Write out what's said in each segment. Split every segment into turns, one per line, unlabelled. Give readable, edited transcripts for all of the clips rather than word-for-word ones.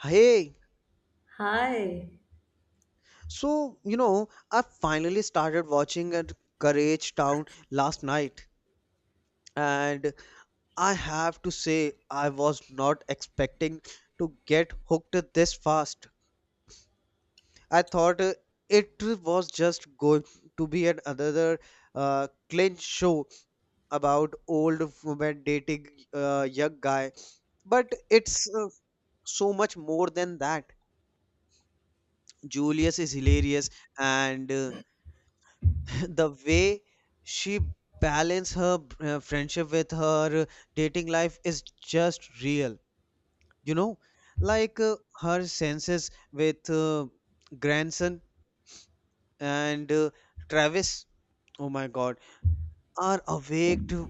Hey,
Hi.
so I finally started watching at Courage Town last night, and I have to say, I was not expecting to get hooked this fast. I thought it was just going to be an another clinch show about old woman dating young guy, but it's so much more than that. Julius is hilarious, and the way she balance her friendship with her dating life is just real you know like uh, her senses with grandson and Travis, oh my god, are awake to,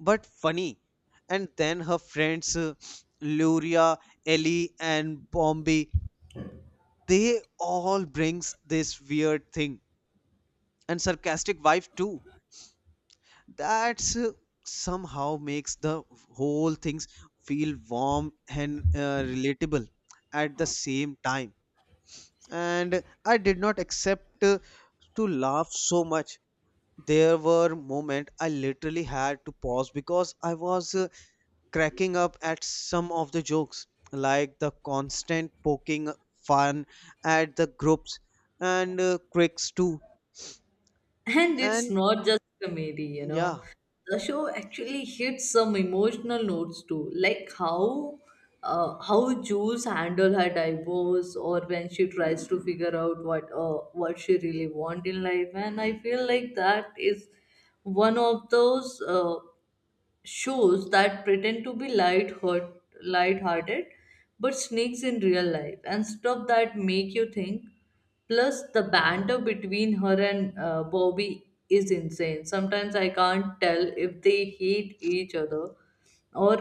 but funny. And then her friends, Luria, Ellie and Bombi, they all brings this weird thing and sarcastic wife too, that's somehow makes the whole things feel warm and relatable at the same time. And I did not accept to laugh so much. There were moments I literally had to pause because I was cracking up at some of the jokes, like the constant poking fun at the groups and quicks too.
And it's
and
not just comedy, you
yeah
know. The show actually hits some emotional notes too, like how Jews handle her divorce or when she tries to figure out what she really want in life. And I feel like that is one of those shows that pretend to be light-hearted but sneaks in real life and stuff that make you think. Plus the banter between her and bobby is insane. Sometimes I can't tell if they hate each other or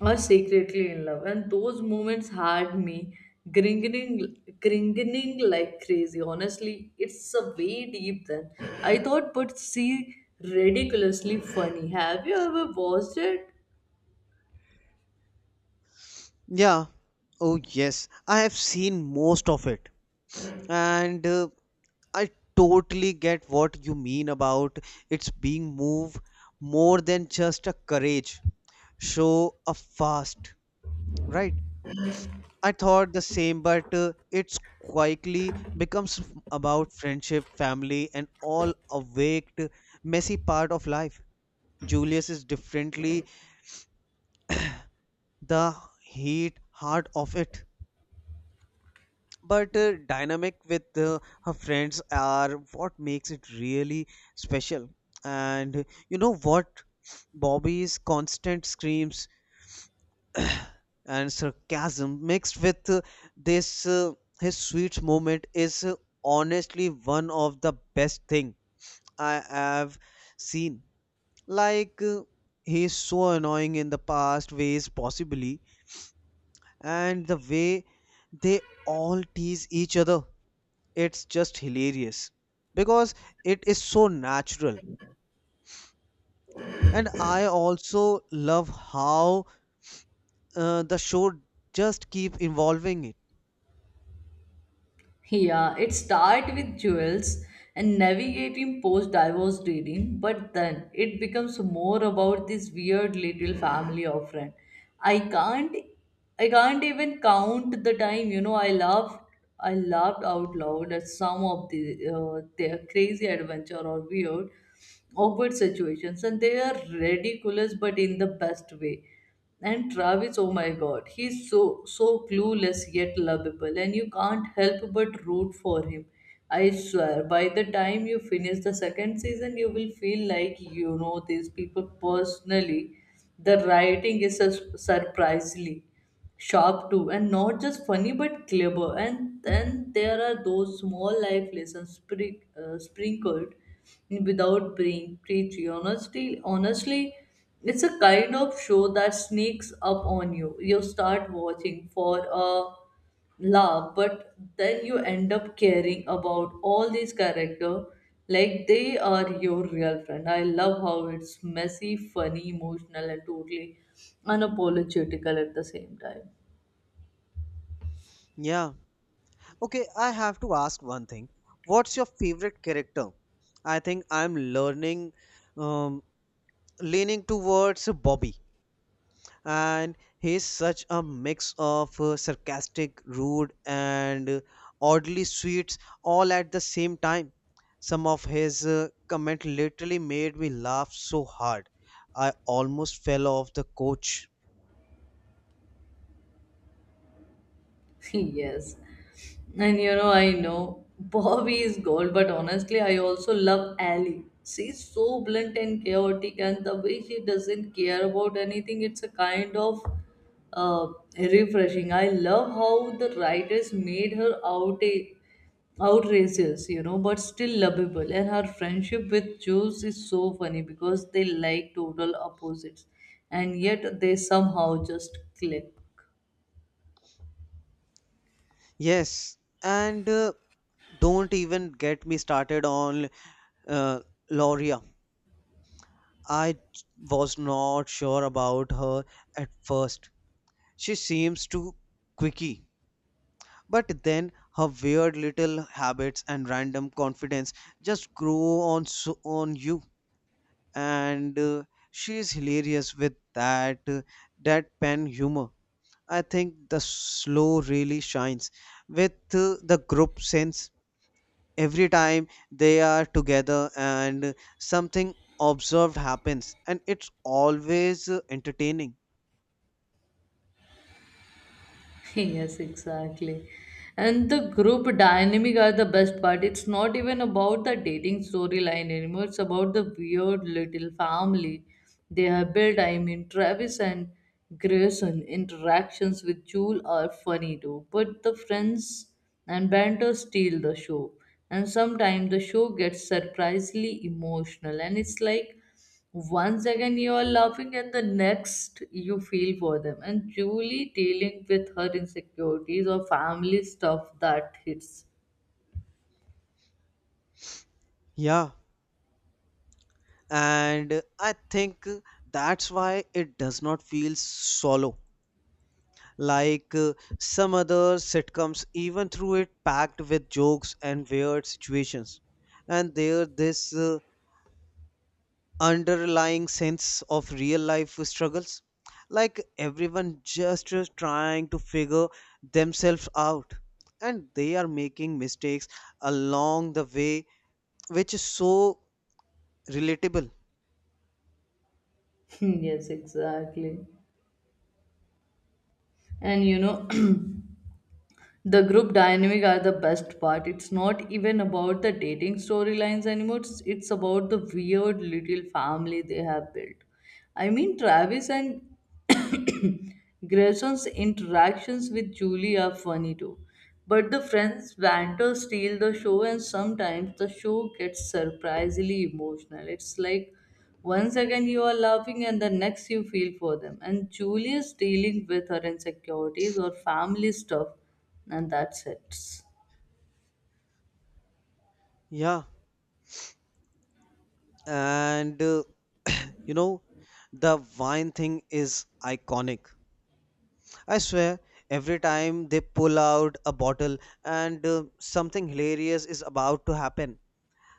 or secretly in love, and those moments had me grinning grinning like crazy. Honestly, it's a way deep then I thought, but see, ridiculously funny. Have you ever watched it?
yeah Oh yes, I have seen most of it, and I totally get what you mean about its being move more than just a courage show a fast. Right. I thought the same, but it's quietly becomes about friendship, family and all awaked messy part of life. Julius is differently the heat heart of it, but dynamic with her friends are what makes it really special. And you know what, Bobby's constant screams and sarcasm mixed with this his sweet moment is honestly one of the best thing I have seen. Like he is so annoying in the past ways possibly, and the way they all tease each other, it's just hilarious because it is so natural. And I also love how the show just keep involving it.
Yeah, it starts with jewels and navigating post-divorce dating, but then it becomes more about this weird little family of friend. I can't, I can't even count the time. You know, I laughed out loud at some of the their crazy adventure or weird, awkward situations, and they are ridiculous, but in the best way. And Travis, oh my god, he's so clueless yet lovable, and you can't help but root for him. I swear, by the time you finish the second season, you will feel like you know these people personally. The writing is surprisingly sharp too, and not just funny but clever. And then there are those small life lessons sprinkled without being preachy. Honestly, it's a kind of show that sneaks up on you. You start watching for a love, but then you end up caring about all these character like they are your real friend. I love how it's messy, funny, emotional, and totally unapologetical at the same time.
Yeah, okay, I have to ask one thing, what's your favorite character? I think I'm learning um, leaning towards Bobby, and he's such a mix of sarcastic, rude, and oddly sweet all at the same time. Some of his comment literally made me laugh so hard, I almost fell off the coach.
Yes. And you know, I know Bobby is gold, but honestly, I also love Allie. She's so blunt and chaotic, and the way she doesn't care about anything, it's a kind of uh, refreshing. I love how the writers made her out a outrageous, you know, but still lovable. And her friendship with Jules is so funny because they like total opposites, and yet they somehow just click.
Yes, and don't even get me started on uh, Loria. I was not sure about her at first. She seems too quicky. But then her weird little habits and random confidence just grow on so on you, and she's hilarious with that deadpan humor. I think the slow really shines with the group sense every time they are together, and something observed happens and it's always entertaining.
Yes, exactly. And the group dynamic are the best part. It's not even about the dating storyline anymore. It's about the weird little family they have built. I mean, Travis and Grayson interactions with Jewel are funny too, but the friends and banter steal the show. And sometimes the show gets surprisingly emotional, and it's like one second you are laughing, and the next you feel for them. And Julie dealing with her insecurities or family stuff that hits.
Yeah, and I think that's why it does not feel solo like some other sitcoms, even through it packed with jokes and weird situations. And there this underlying sense of real life struggles, like everyone just is trying to figure themselves out, and they are making mistakes along the way, which is so relatable.
Yes, exactly. And you know. The group dynamic are the best part. It's not even about the dating storylines anymore. It's about the weird little family they have built. I mean, Travis and Grayson's interactions with Julie are funny too. But the friends banter steal the show, and sometimes the show gets surprisingly emotional. It's like one second you are laughing, and the next you feel for them. And Julie is dealing with her insecurities or family stuff and that's it.
Yeah, and you know the wine thing is iconic. I swear, every time they pull out a bottle, and something hilarious is about to happen.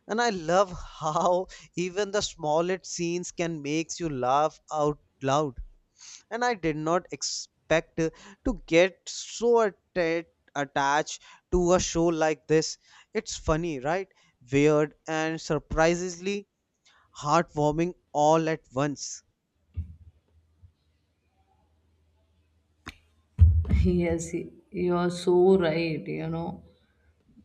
And I love how even the smallest scenes can makes you laugh out loud. And I did not expect to get so attached to a show like this. It's funny, right? Weird and surprisingly heartwarming all at once.
Yes, you are so right, you know.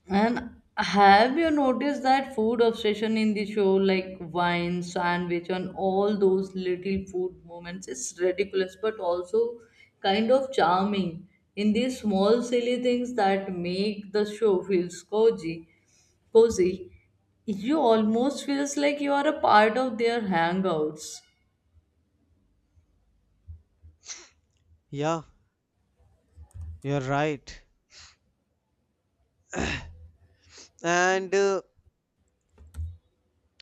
And have you noticed that food obsession in the show, like wine, sandwich, and all those little food moments? It's ridiculous, but also kind of charming in these small, silly things that make the show feels cozy. Cozy, you almost feels like you are a part of their hangouts.
Yeah, you're right. And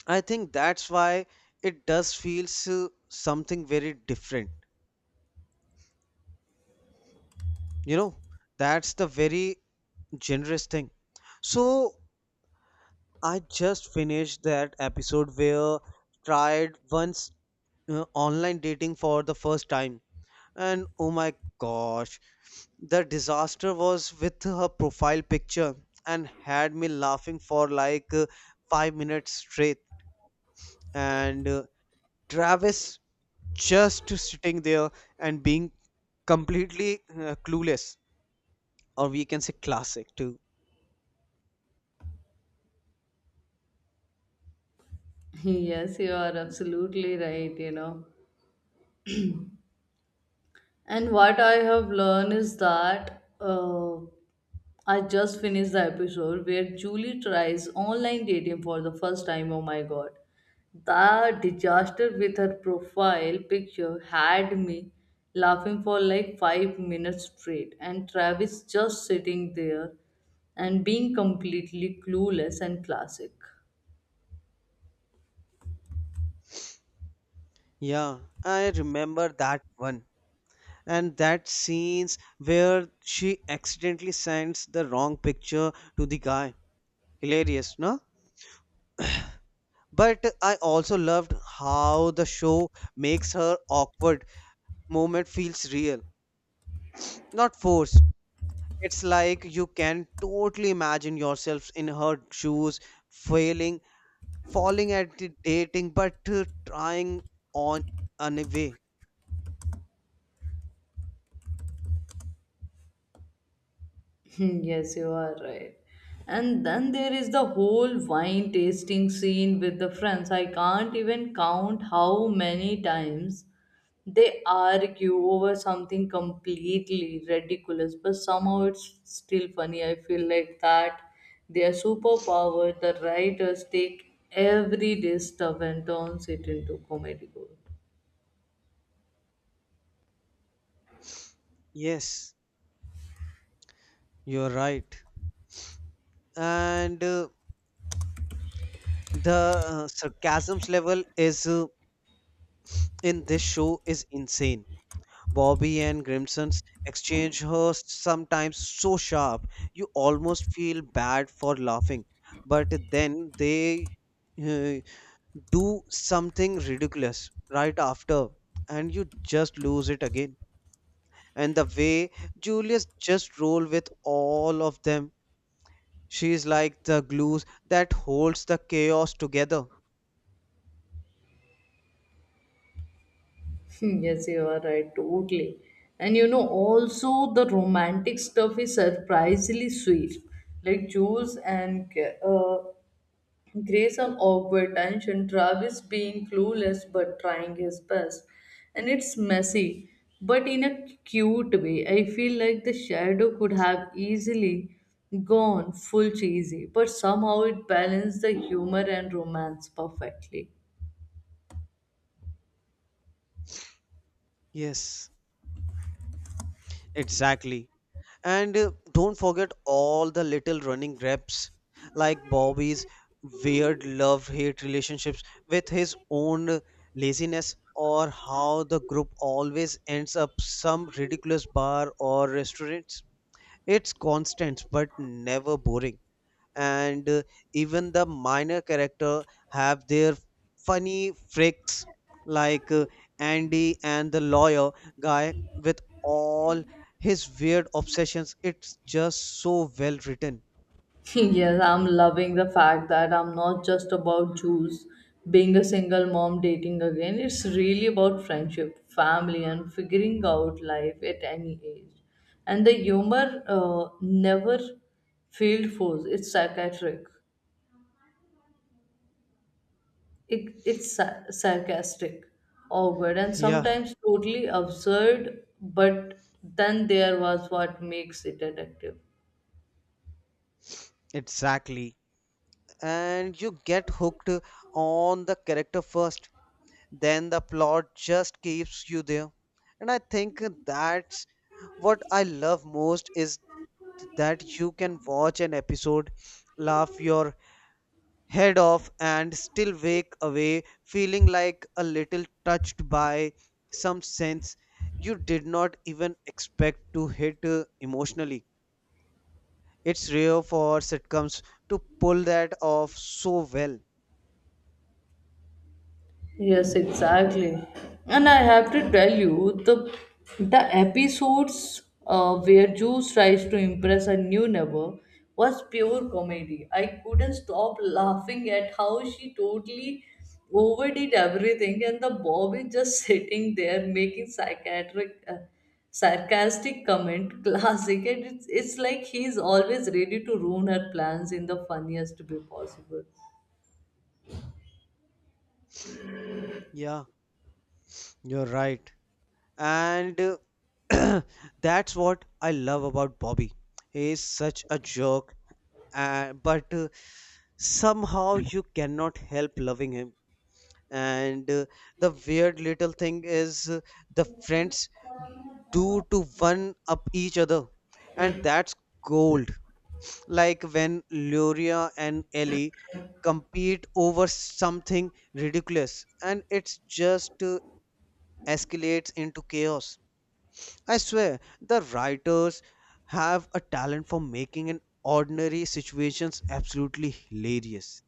I think that's why it does feels something very different. You know, that's the very generous thing. So I just finished that episode where tried once online dating for the first time, and oh my gosh, the disaster was with her profile picture and had me laughing for like 5 minutes straight. And Travis just to sitting there and being completely clueless, or we can say classic too.
Yes, you are absolutely right, you know. And what I have learned is that I just finished the episode where Julie tries online dating for the first time. Oh my god. The disaster with her profile picture had me laughing for like 5 minutes straight, and Travis just sitting there and being completely clueless and classic.
Yeah, I remember that one, and that scenes where she accidentally sends the wrong picture to the guy, hilarious. No, but I also loved how the show makes her awkward moment feels real, not forced. It's like you can totally imagine yourselves in her shoes, failing falling at the dating, but trying on anyway.
Yes, you are right. And then there is the whole wine tasting scene with the friends. I can't even count how many times they argue over something completely ridiculous, but somehow it's still funny. I feel like that their superpower, the writers take every day stuff and turns it into comedy gold.
Yes, you're right. And the sarcasm's level is in this show is insane. Bobby and Grimson's exchange hosts sometimes so sharp you almost feel bad for laughing, but then they uh, do something ridiculous right after and you just lose it again. And the way Julius just roll with all of them, she's like the glue that holds the chaos together.
Yes, you are right, totally. And you know, also the romantic stuff is surprisingly sweet. Like Jules and uh, Grace are awkward tension, Travis being clueless but trying his best. And it's messy, but in a cute way. I feel like the shadow could have easily gone full cheesy, but somehow it balanced the humor and romance perfectly.
Yes, exactly. And don't forget all the little running reps, like Bobby's weird love hate relationships with his own laziness, or how the group always ends up some ridiculous bar or restaurants. It's constant but never boring. And even the minor character have their funny freaks, like Andy and the lawyer guy with all his weird obsessions, it's just so well written.
Yes, I'm loving the fact that I'm not just about Jews being a single mom dating again. It's really about friendship, family, and figuring out life at any age. And the humor never failed force. It's sarcastic. Sarcastic, awkward, and
Yeah,
sometimes totally absurd, but then there was what makes it addictive.
exactly. And you get hooked on the character first, then the plot just keeps you there. And I think that's what I love most, is that you can watch an episode, laugh your head off, and still wake away feeling like a little touched by some sense you did not even expect to hit emotionally. It's rare for sitcoms to pull that off so well.
Yes, exactly. And I have to tell you, the episodes where Juice tries to impress a new neighbor was pure comedy. I couldn't stop laughing at how she totally overdid everything, and the Bob is just sitting there making psychiatric. Sarcastic comment classic. And it's like he's always ready to ruin her plans in the funniest way possible.
Yeah, you're right. And uh, that's what I love about Bobby. He is such a jerk, but somehow you cannot help loving him. And the weird little thing is the friends do to one up each other, and that's gold. Like when Luria and Ellie compete over something ridiculous and it's just escalates into chaos. I swear the writers have a talent for making an ordinary situations absolutely hilarious.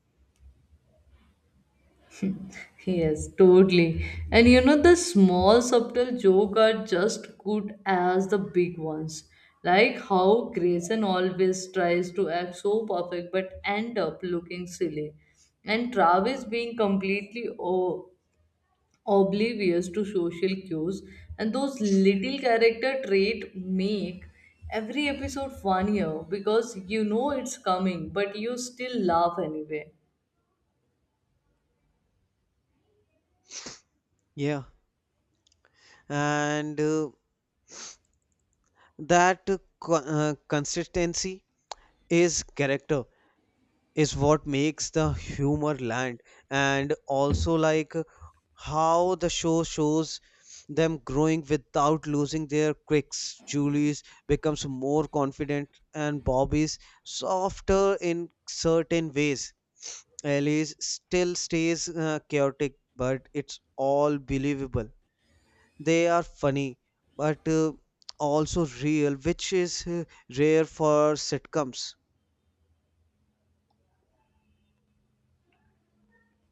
Yes, totally. And you know, the small subtle joke are just good as the big ones. Like how Grayson always tries to act so perfect but end up looking silly. And Travis being completely oblivious to social cues. And those little character trait make every episode funnier because you know it's coming but you still laugh anyway.
Yeah, and that consistency is character, is what makes the humor land. And also like how the show shows them growing without losing their quirks. Julie's becomes more confident and Bobby's softer in certain ways. Ellie's still stays chaotic, but it's all believable. They are funny, but also real, which is rare for sitcoms.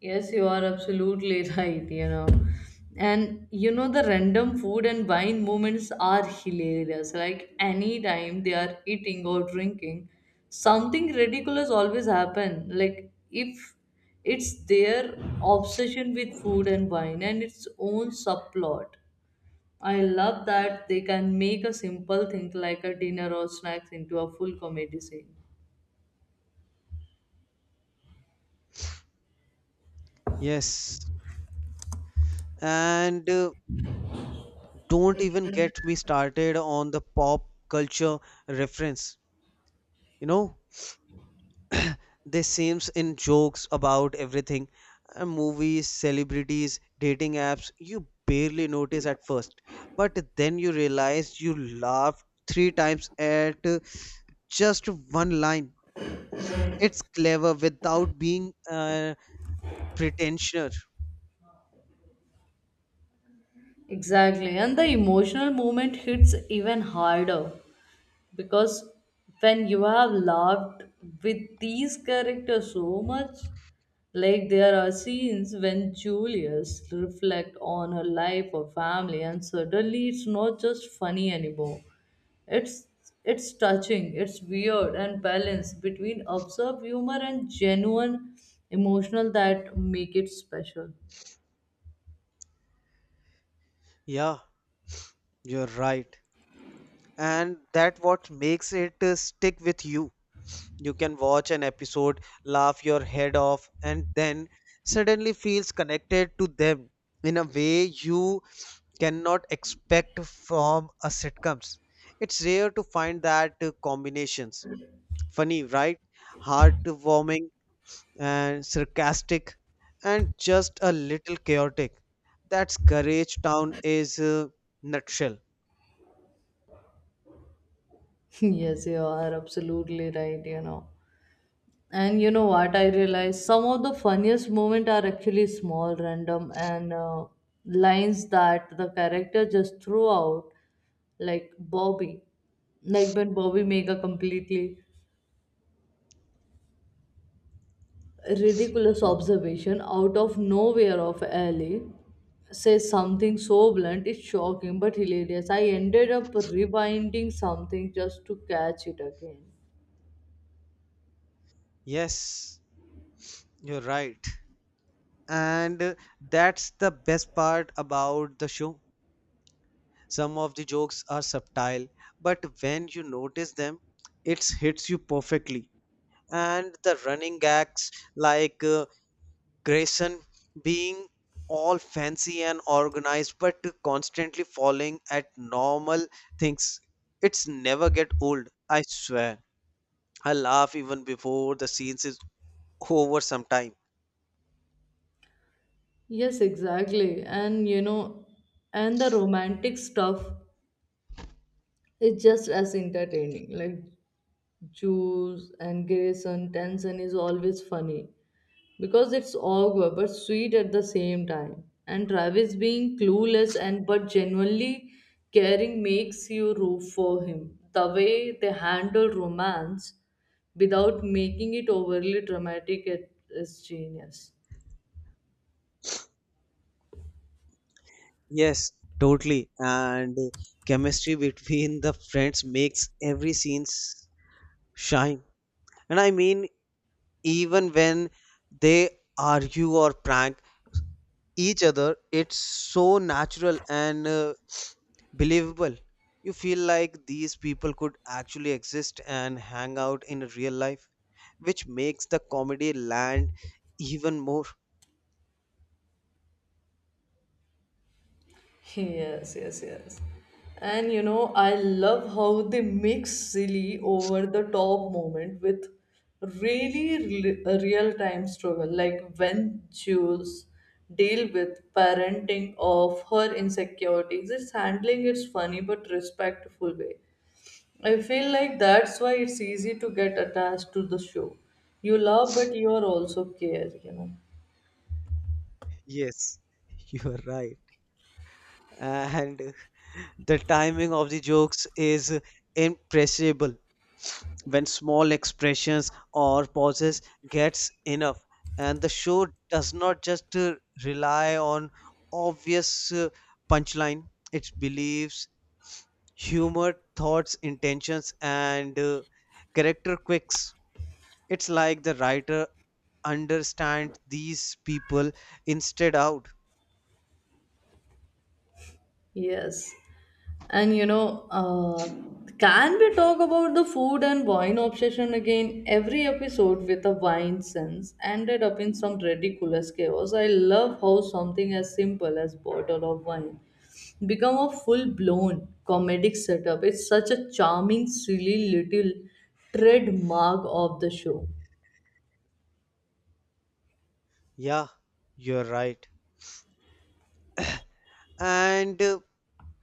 Yes, you are absolutely right, you know. And you know, the random food and wine moments are hilarious. Like anytime they are eating or drinking, something ridiculous always happen. Like if it's their obsession with food and wine and its own subplot. I love that they can make a simple thing like a dinner or snacks into a full comedy scene.
Yes. And don't even get me started on the pop culture reference. You know, they seems in jokes about everything. Movies, celebrities, dating apps, you barely notice at first. But then you realize you laughed 3 times at just one line. It's clever without being pretentious.
Exactly. And the emotional moment hits even harder because when you have laughed with these characters so much, like there are scenes when julius reflect on her life or family and suddenly it's not just funny anymore. It's it's touching. It's weird and balance between absurd humor and genuine emotional that make it special.
Yeah, you're right. And that what makes it stick with you. You can watch an episode, laugh your head off, and then suddenly feels connected to them in a way you cannot expect from a sitcoms. It's rare to find that combinations. Funny, right? Heartwarming and sarcastic and just a little chaotic. That's Courage Town is nutshell.
Yes, you are absolutely right, you know. And you know what? I realized some of the funniest moments are actually small, random, and lines that the character just threw out, like Bobby. Like when Bobby make a completely ridiculous
Ye-
observation out of nowhere of Ellie, says something so blunt, it's shocking but hilarious. I ended up rewinding something just to catch it again.
Yes, you're right. And that's the best part about the show. Some of the jokes are subtle, but when you notice them, it hits you perfectly. And the running gags, like Grayson being all fancy and organized but constantly falling at normal things, it's never get old. I swear I laugh even before the scenes is over sometime.
Yes, exactly. And you know, and the romantic stuff, it's just as entertaining. Like Juice and Grayson, Tension is always funny because it's awkward but sweet at the same time. And Travis being clueless and but genuinely caring makes you root for him. The way they handle romance without making it overly dramatic it is genius.
Yes, totally. And chemistry between the friends makes every scene shine. And I mean, even when they argue or prank each other, it's so natural and believable. You feel like these people could actually exist and hang out in real life, which makes the comedy land even more.
Yes, yes, yes. And you know, I love how they mix silly over the top moment with really real time struggle, like when Jules deal with parenting of her insecurities, it's handling its funny but respectful way. I feel like that's why it's easy to get attached to the show. You love, but you are also care, you know.
Yes, you are right. And the timing of the jokes is impressible, when small expressions or pauses gets enough. And the show does not just rely on obvious punchline, it believes humor thoughts intentions and character quirks. It's like the writer understands these people instead out.
Yes. And you know, can we talk about the food and wine obsession again? Every episode with a wine sense ended up in some ridiculous chaos. I love how something as simple as bottle of wine become a full-blown comedic setup. It's such a charming, silly little trademark of the show.
Yeah, you're right. And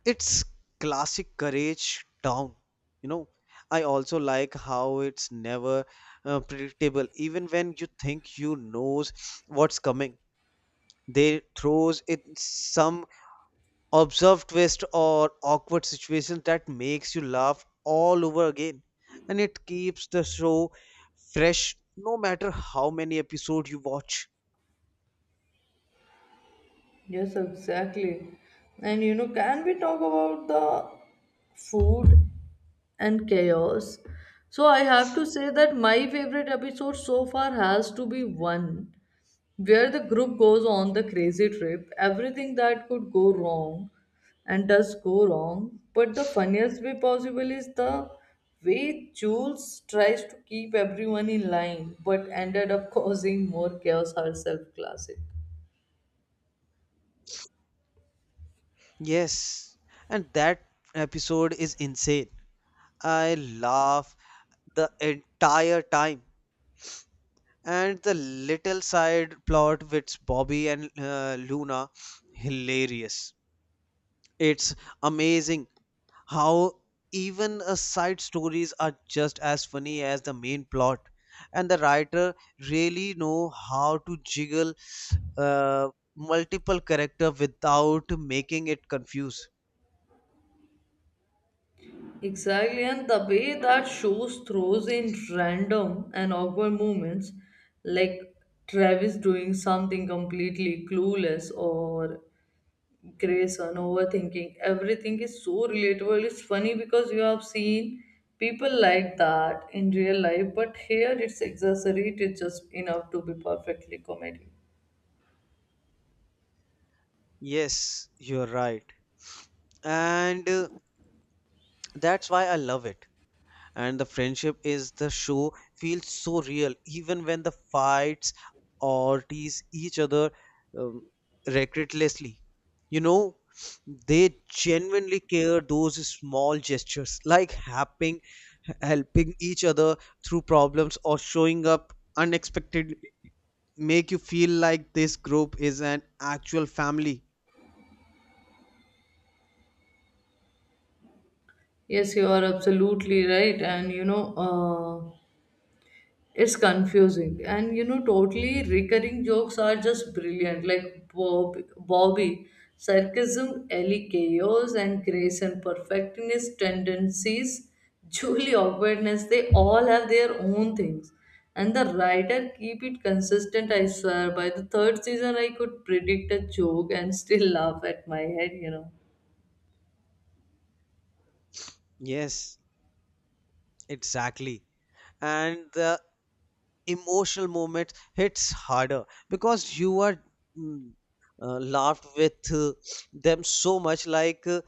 it's classic Courage Down, you know. I also like how it's never predictable. Even when you think you knows what's coming, they throws in some observed twist or awkward situation that makes you laugh all over again, and it keeps the show fresh no matter how many episodes you watch.
Yes, exactly. And you know, can we talk about the food and chaos? So I have to say that my favorite episode so far has to be one where the group goes on the crazy trip, everything that could go wrong and does go wrong. But the funniest way possible is the way Jules tries to keep everyone in line but ended up causing more chaos herself. Classic.
Yes, and that episode is insane. I laugh the entire time. And the little side plot with Bobby and Luna, hilarious. It's amazing how even side stories are just as funny as the main plot, and the writer really know how to jiggle uh, multiple character without making it confuse.
Exactly. And the way that shows throws in random and awkward moments, like Travis doing something completely clueless or Grayson overthinking everything is so relatable. It's funny because you have seen people like that in real life, but here it's exaggerated just enough to be perfectly comedy.
Yes, you're right, and that's why I love it. And the friendship is the show feels so real, even when the fights or tease each other, um, recklessly. You know they genuinely care. Those small gestures, like helping each other through problems or showing up unexpectedly, make you feel like this group is an actual family.
Yes, you are absolutely right, and you know. It's confusing. And you know, totally recurring jokes are just brilliant, like bobby sarcasm, ellie chaos, and grace and perfectionist tendencies, julie awkwardness. They all have their own things, and the writer keep it consistent. I swear by the third season, I could predict a joke and still laugh at my head, you know.
Yes, exactly. And the emotional moment hits harder because you are, mm, laughed with them so much. Like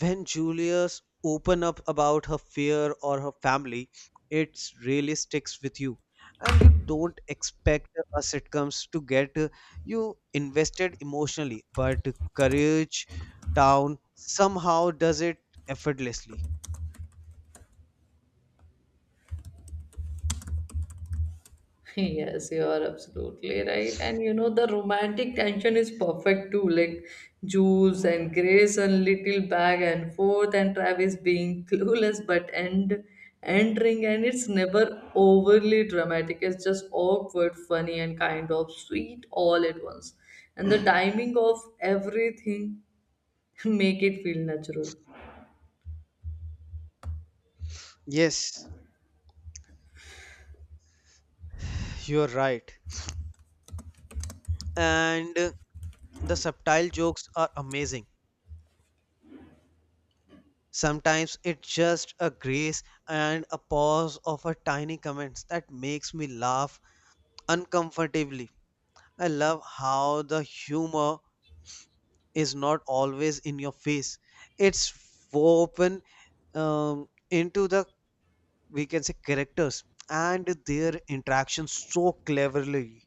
when Julius open up about her fear or her family, it really sticks with you, and you don't expect a sitcoms to get you invested emotionally, but Courage Town somehow does it effortlessly.
Yes, you are absolutely right. And you know, the romantic tension is perfect too. Like Jules and Grace and little back and forth, and Travis being clueless but end entering, and it's never overly dramatic. It's just awkward, funny, and kind of sweet all at once. And the timing of everything make it feel natural.
Yes, you're right. And the subtle jokes are amazing. Sometimes it's just a grace and a pause of a tiny comments that makes me laugh uncomfortably. I love how the humor is not always in your face. It's woven into the, we can say, characters and their interactions so cleverly.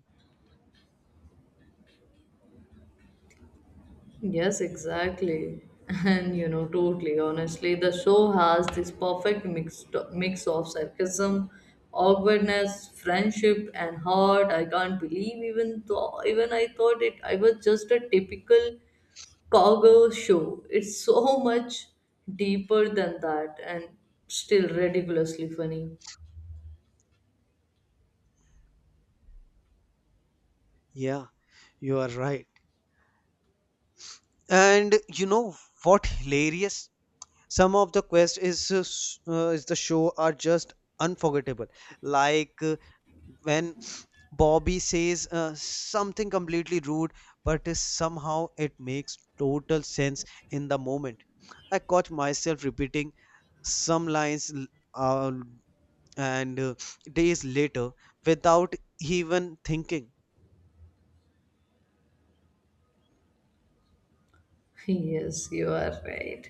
Yes, exactly. And you know, totally honestly, the show has this perfect mix of sarcasm, awkwardness, friendship, and heart. I can't believe even though even I thought it I was just a typical cowgirl show. It's so much deeper than that and still ridiculously funny.
Yeah, you are right. And you know what hilarious? Some of the quest is is the show are just unforgettable, like when Bobby says something completely rude, but is somehow it makes total sense in the moment. I caught myself repeating some lines uh, and days later without even thinking.
Yes, you are right.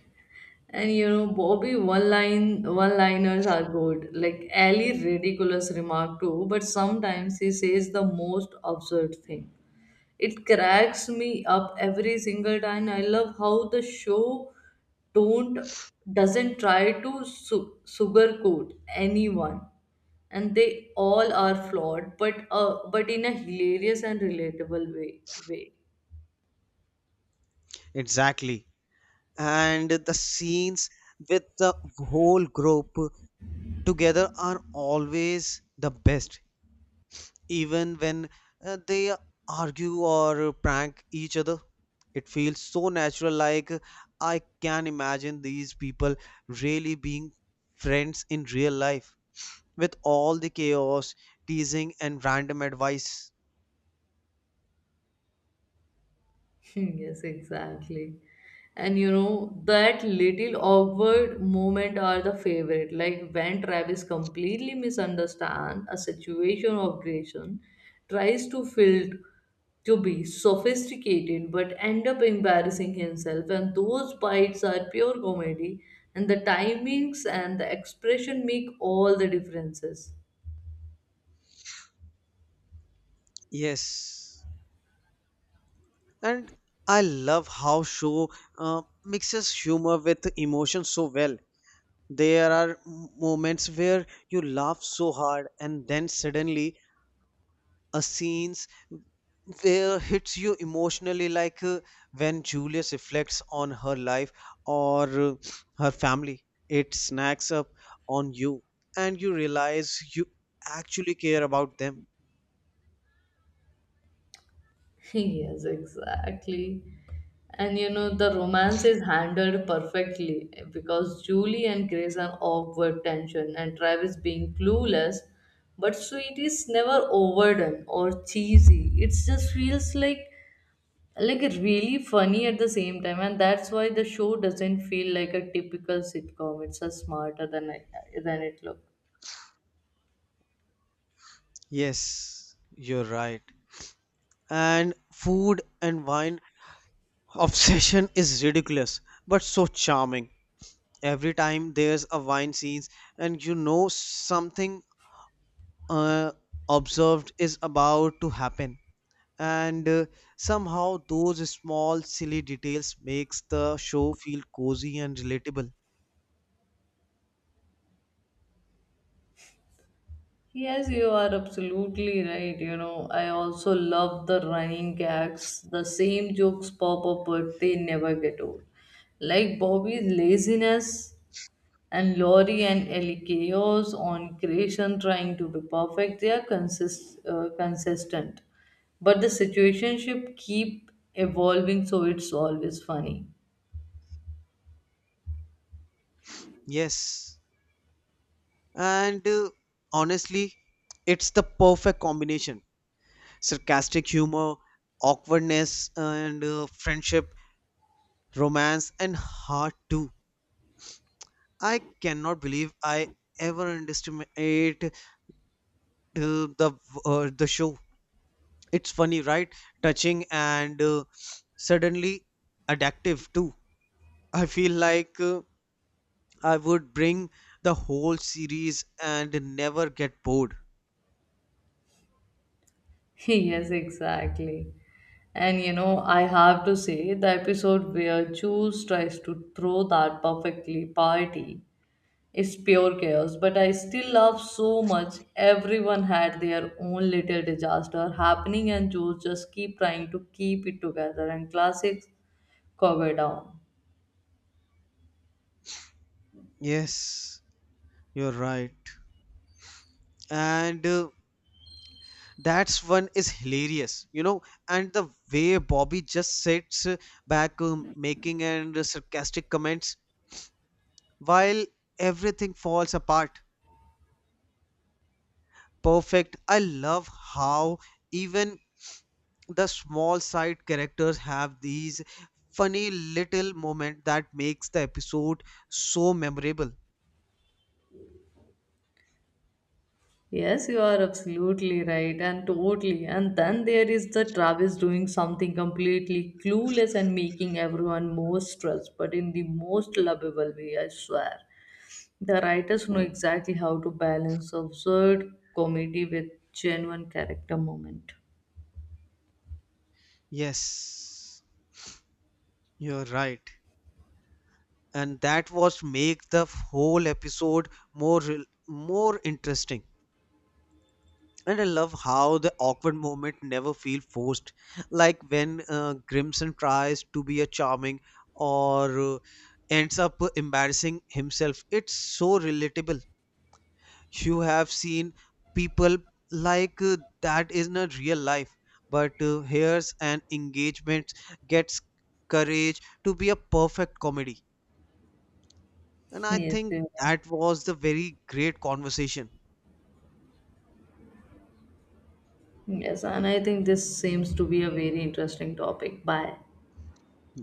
And you know, Bobby one line one liners are good. Like Ali ridiculous remark too, but sometimes he says the most absurd thing. It cracks me up every single time. I love how the show don't doesn't try to sugarcoat anyone, and they all are flawed but in a hilarious and relatable way.
Exactly. And the scenes with the whole group together are always the best, even when they argue or prank each other. It feels so natural, like I can imagine these people really being friends in real life with all the chaos, teasing, and random advice.
Yes, exactly. And you know, that little awkward moment are the favorite. Like when Travis completely misunderstands a situation of Grayson, tries to field to be sophisticated but end up embarrassing himself. And those bites are pure comedy, and the timings and the expression make all the differences.
Yes, and I love how show mixes humor with emotion so well. There are moments where you laugh so hard and then suddenly a scenes where hits you emotionally, like when Julius reflects on her life or her family, it snacks up on you and you realize you actually care about them.
Yes, exactly. And you know, the romance is handled perfectly because Julie and Grace are awkward tension and Travis being clueless, but sweet is never overdone or cheesy. It just feels like really funny at the same time, and that's why the show doesn't feel like a typical sitcom. It's a smarter than than it looks.
Yes, you're right. And food and wine obsession is ridiculous but so charming. Every time there's a wine scene and you know something uh, observed is about to happen, and somehow those small silly details makes the show feel cozy and relatable.
Yes, you are absolutely right. You know, I also love the running gags. The same jokes pop up, but they never get old. Like Bobby's laziness and Laurie and Ellie chaos on creation trying to be perfect. They are consistent, but the situationship keep evolving, so it's always funny.
Yes, and honestly it's the perfect combination, sarcastic humor, awkwardness and friendship, romance and heart too. I cannot believe I ever underestimate the the show. It's funny, right? Touching and suddenly addictive too. I feel like I would bring the whole series and never get bored.
Yes, exactly. And you know, I have to say the episode where Jules tries to throw that perfectly party is pure chaos, but I still love so much. Everyone had their own little disaster happening, and Jules just keep trying to keep it together. And classics cover down.
Yes, you're right. And that's one is hilarious. And the way Bobby just sits back, making and sarcastic comments while everything falls apart. Perfect. I love how even the small side characters have these funny little moment that makes the episode so memorable.
Yes, you are absolutely right and totally. And then there is the Travis doing something completely clueless and making everyone more stressed, but in the most lovable way, I swear. The writers know exactly how to balance absurd comedy with genuine character moment.
Yes. You're right. And that was make the whole episode more interesting. And I love how the awkward moment never feel forced. Like when Grimson tries to be a charming or ends up embarrassing himself. It's so relatable. You have seen people like that in a real life. But here's an engagement gets courage to be a perfect comedy. And I
Yes, they
think
are.
that was the very great conversation.
Yes, and I think this seems to be a very interesting topic. Bye.